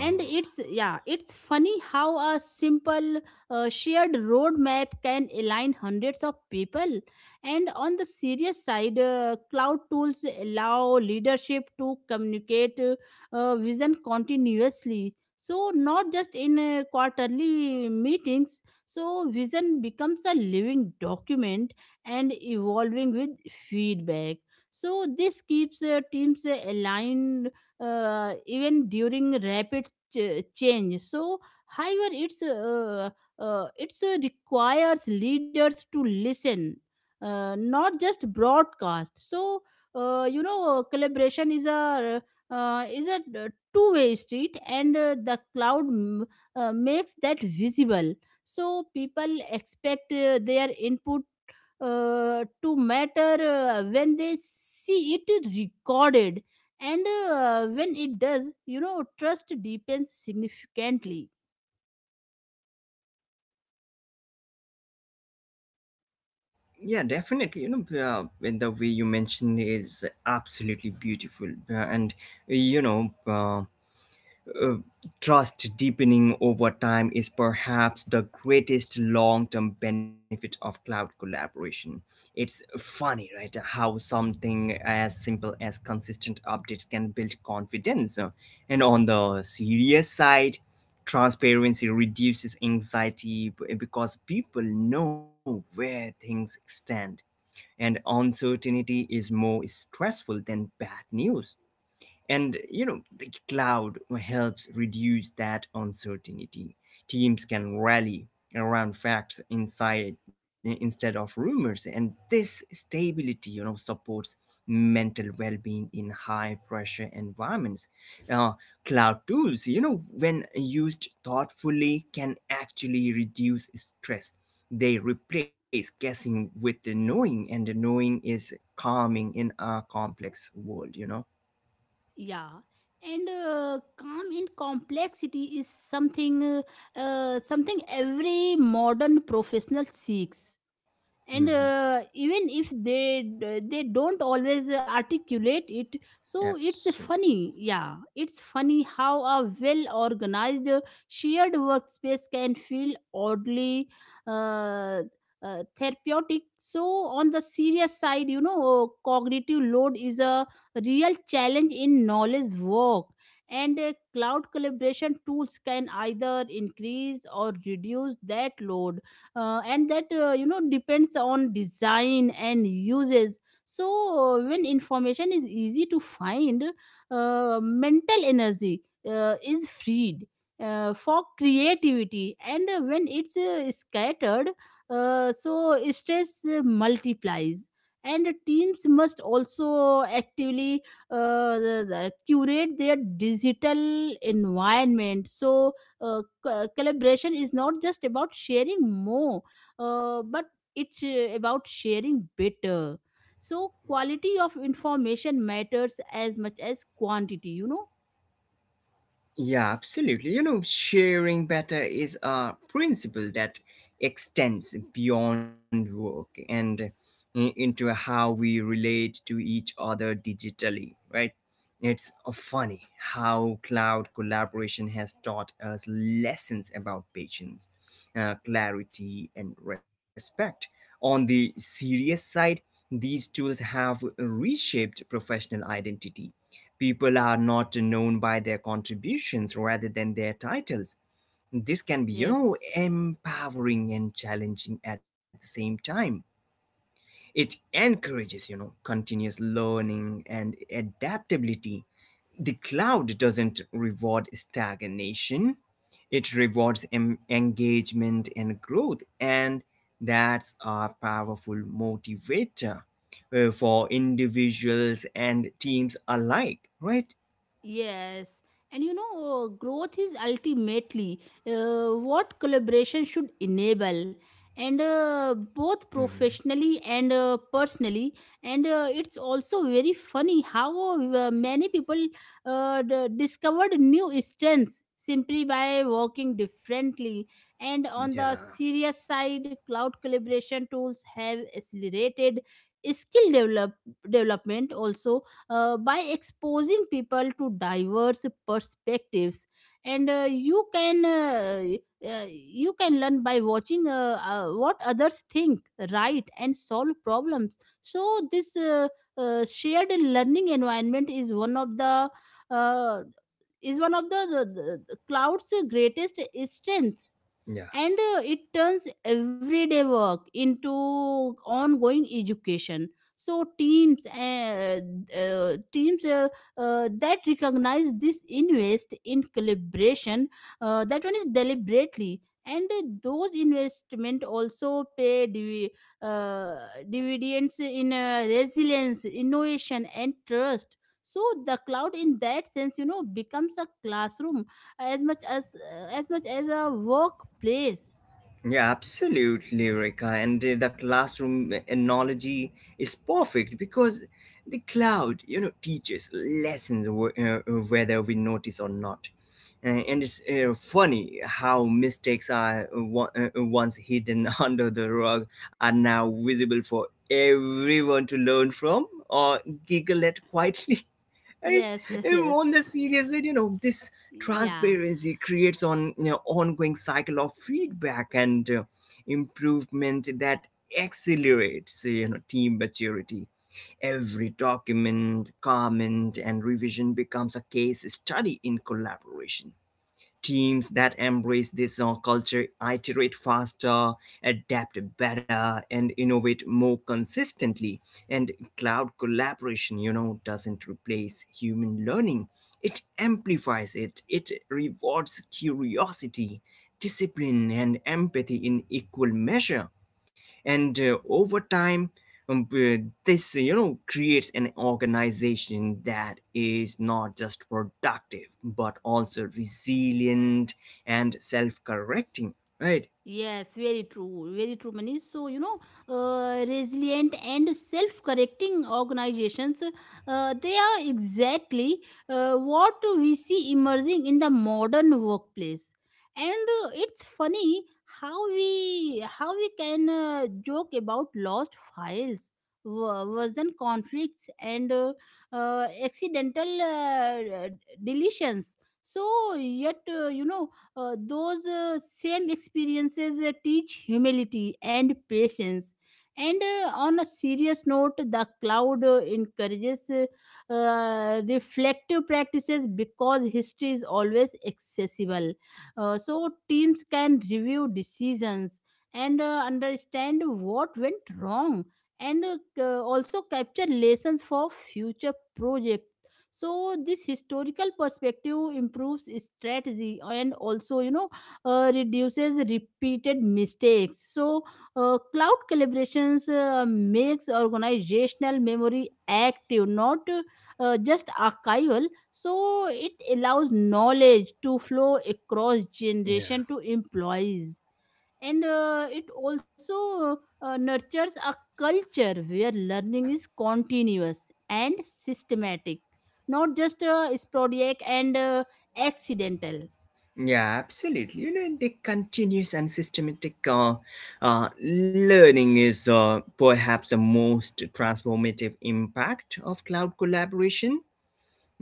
And it's yeah it's funny how a simple uh, shared roadmap can align hundreds of people. And on the serious side, uh, cloud tools allow leadership to communicate uh, uh, vision continuously, so not just in uh, quarterly meetings. So vision becomes a living document and evolving with feedback. So this keeps uh, teams uh, aligned, uh, even during rapid ch- change. So however it's uh, uh, it's uh, requires leaders to listen, uh, not just broadcast. So uh, you know collaboration is a uh, is a two way street, and uh, the cloud m- uh, makes that visible. So people expect uh, their input uh, to matter uh, when they see it recorded. And uh, when it does, you know trust deepens significantly.
Yeah, definitely. You know, uh, and the way you mentioned is absolutely beautiful. Uh, and you know, uh, uh, trust deepening over time is perhaps the greatest long-term benefit of cloud collaboration. It's funny, right? How something as simple as consistent updates can build confidence. Uh, and on the serious side, transparency reduces anxiety, b- because people know where things stand, and uncertainty is more stressful than bad news, and you know, the cloud helps reduce that uncertainty. Teams can rally around facts inside instead of rumors, and this stability, you know, supports mental well-being in high pressure environments. uh, Cloud tools, you know, when used thoughtfully, can actually reduce stress. They replace guessing with the knowing, and the knowing is calming in a complex world, you know.
Yeah. And uh, calm in complexity is something, uh, uh, something every modern professional seeks,
Mhm.
and uh, even if they they don't always articulate it. So it's
Absolutely.
funny yeah it's funny how a well organized shared workspace can feel oddly uh, uh, therapeutic. So on the serious side, you know cognitive load is a real challenge in knowledge work, and uh, cloud collaboration tools can either increase or reduce that load. Uh, and that, uh, you know depends on design and uses. So uh, when information is easy to find, uh, mental energy uh, is freed uh, for creativity, and uh, when it's uh, scattered, uh, so stress uh, multiplies. And teams must also actively uh, the- the curate their digital environment. So uh, co- collaboration is not just about sharing more, uh, but it's, uh, about sharing better. So quality of information matters as much as quantity, you know
Yeah, absolutely. You know, sharing better is a principle that extends beyond work and i- into how we relate to each other digitally, right? It's uh, funny how cloud collaboration has taught us lessons about patience, uh, clarity, and respect. On the serious side, these tools have reshaped professional identity. People are not known by their contributions rather than their titles. This can be, you
yes.
know, empowering and challenging at the same time. It encourages, you know, continuous learning and adaptability. The cloud doesn't reward stagnation. It rewards em- engagement and growth, and that's a powerful motivator uh, for individuals and teams alike, right?
Yes, and you know, uh, growth is ultimately uh, what collaboration should enable, and uh, both
Mm-hmm.
professionally and uh, personally. And uh, it's also very funny how uh, many people uh, d- discovered new strengths simply by working differently. And on the
Yeah,
serious side, cloud collaboration tools have accelerated skill develop- development also, uh, by exposing people to diverse perspectives. And uh, you can uh, uh, you can learn by watching uh, uh, what others think, write, and solve problems. So this uh, uh, shared learning environment is one of the uh, is one of the, the, the the cloud's greatest strengths.
yeah,
And uh, it turns everyday work into ongoing education. So teams uh, uh, teams uh, uh, that recognize this invest in collaboration, uh, that one is deliberately. And uh, those investment also pay divi- uh, dividends in uh, resilience, innovation, and trust. So the cloud in that sense, you know becomes a classroom as much as as much as a workplace.
yeah, absolutely, Rika. And uh, the classroom uh, analogy is perfect because the cloud, you know, teaches lessons wh- uh, whether we notice or not. Uh, and it's uh, funny how mistakes are wa- uh, once hidden *laughs* under the rug are now visible for everyone to learn from or giggle at quietly. *laughs* I'm
Yes, yes, yes.
on the serious side, you know, this
Yeah.
transparency creates on, you know, ongoing cycle of feedback and uh, improvement that accelerates, you know, team maturity. Every document, comment, and revision becomes a case study in collaboration. Teams that embrace this uh, culture iterate faster, adapt better, and innovate more consistently. And cloud collaboration, you know, doesn't replace human learning. It amplifies it. It rewards curiosity, discipline, and empathy in equal measure, and uh, over time um, uh, this, you know, creates an organization that is not just productive but also resilient and self-correcting, right?
Yes, very true. Very true, Mani. So, you know, uh, resilient and self correcting organizations, uh, they are exactly uh, what we see emerging in the modern workplace. And uh, it's funny how we how we can uh, joke about lost files, wo- worsen conflicts, and uh, uh, accidental uh, deletions. So yet, uh, you know, uh, those uh, same experiences uh, teach humility and patience. And uh, on a serious note, the cloud uh, encourages uh, uh, reflective practices because history is always accessible. Uh, so teams can review decisions and uh, understand what went wrong, and uh, c- also capture lessons for future projects. So this historical perspective improves strategy and also, you know uh, reduces repeated mistakes. So uh, cloud collaborations uh, makes organizational memory active, not uh, just archival. So it allows knowledge to flow across
yeah
generation to employees. And uh, it also uh, nurtures a culture where learning is continuous and systematic, not just uh, sporadic and uh, accidental.
yeah absolutely. You know, and the continuous and systematic uh, uh, learning is uh, perhaps the most transformative impact of cloud collaboration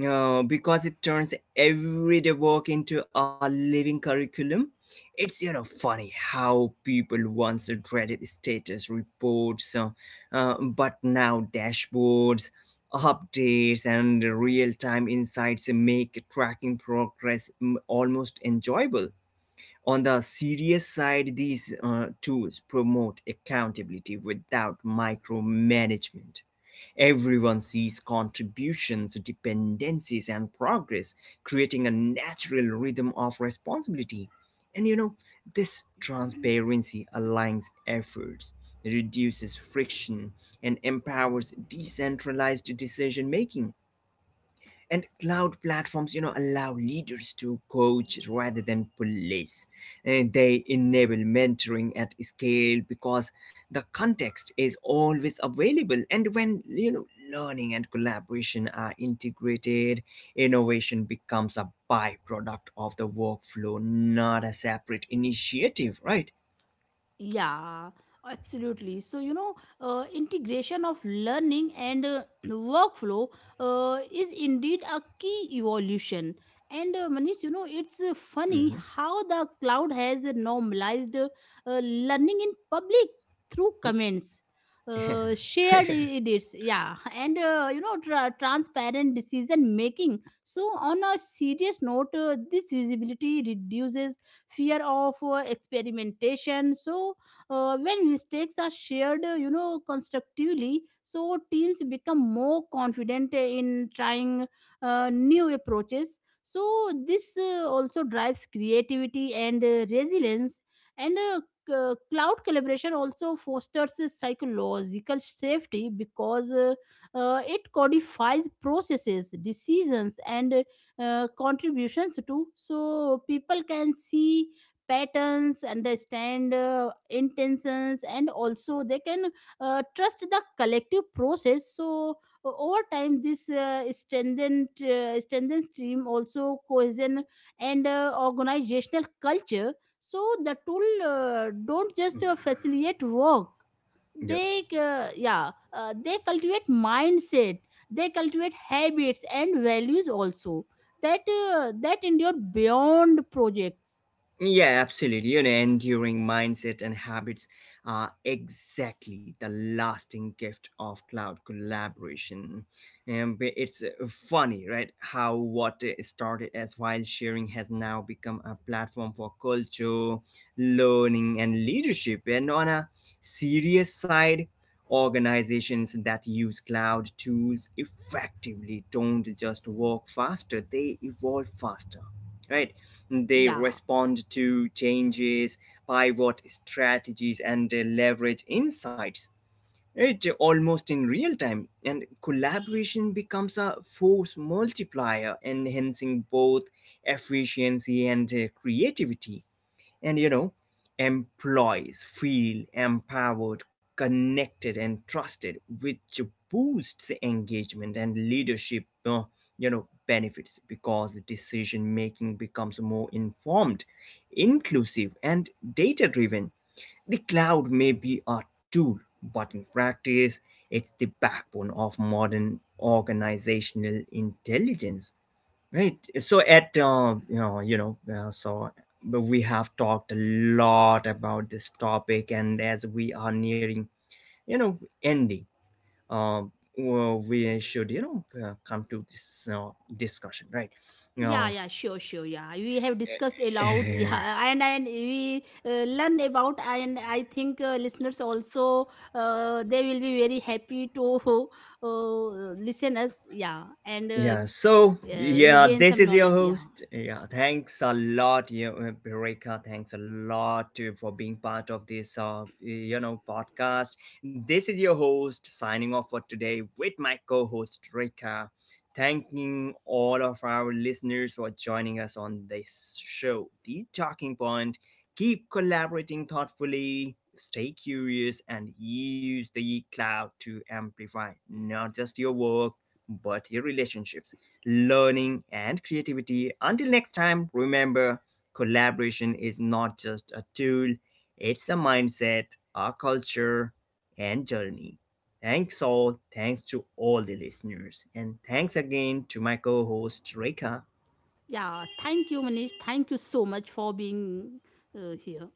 uh, because it turns everyday work into a living curriculum. It's, you know, funny how people once dreaded status reports, uh, uh, but now dashboards, updates, and real-time insights make tracking progress, mm, almost enjoyable. On the serious side, these uh, tools promote accountability without micromanagement. Everyone sees contributions, dependencies, and progress, creating a natural rhythm of responsibility. And, you know, this transparency aligns efforts, reduces friction, and empowers decentralized decision making. And cloud platforms, you know, allow leaders to coach rather than police. And they enable mentoring at scale because the context is always available. And when, you know, learning and collaboration are integrated, innovation becomes a byproduct of the workflow, not a separate initiative, right?
Yeah, absolutely. So, you know, uh, integration of learning and uh, *clears throat* workflow uh, is indeed a key evolution. And uh, Manish, you know, it's uh, funny
Mm-hmm.
how the cloud has normalized uh, uh, learning in public through comments. Uh, shared edits, yeah, and uh, you know, tra- transparent decision making. So, on a serious note, uh, this visibility reduces fear of uh, experimentation. So uh, when mistakes are shared uh, you know constructively, so teams become more confident in trying uh, new approaches. So this uh, also drives creativity and uh, resilience. And uh, c- uh, cloud collaboration also fosters a psychological safety because uh, uh, it codifies processes, decisions, and uh, uh, contributions too. So people can see patterns, understand uh, intentions, and also they can uh, trust the collective process. So o- over time this uh, strengthened uh, strengthens team also cohesion and uh, organizational culture. So the tool uh, don't just uh, facilitate work, they,
*laughs*
uh, yeah uh, they cultivate mindset, they cultivate habits and values also that uh, that endure beyond projects.
Yeah, absolutely. You know, enduring mindset and habits are exactly the lasting gift of cloud collaboration. And it's uh, funny, right? How what uh, started as file sharing has now become a platform for culture, learning, and leadership. And on a serious side, organizations that use cloud tools effectively don't just work faster, they evolve faster, right? They
Yeah,
respond to changes, pivot strategies, and uh, leverage insights. It almost in real time, and collaboration becomes a force multiplier, enhancing both efficiency and uh, creativity. And, you know, employees feel empowered, connected, and trusted, which boosts engagement and leadership. Uh, you know, benefits because decision making becomes more informed, inclusive, and data driven. The cloud may be a tool, but in practice, it's the backbone of modern organizational intelligence. Right. So at uh, you know, you know, uh, so but we have talked a lot about this topic, and as we are nearing, you know, ending, uh, well, we should, you know, uh, come to this uh, discussion, right? You
yeah,
know,
yeah, sure, sure, yeah, we have discussed a lot *laughs*
*laughs*
yeah,
*sighs*
and and we uh, learn about, and I think uh, listeners also, uh, they will be very happy to *laughs* uh, listen us. Yeah, and uh,
Yeah, so,
uh, we'll
yeah,
gain
this
some
is your
knowledge. Yeah.
host. Yeah, thanks a lot, you know, Rekha. Thanks a lot to, for being part of this, uh, you know, podcast. This is your host signing off for today with my co-host Rekha. Thanking all of our listeners for joining us on this show, The Talking Point. Keep collaborating thoughtfully, stay curious, and use the cloud to amplify not just your work but your relationships, learning, and creativity. Until next time, remember collaboration is not just a tool, it's a mindset, a culture, and journey. Thanks all. Thanks to all the listeners. And thanks again to my co host, Rekha.
Yeah, thank you, Manish. Thank you so much for being uh, here.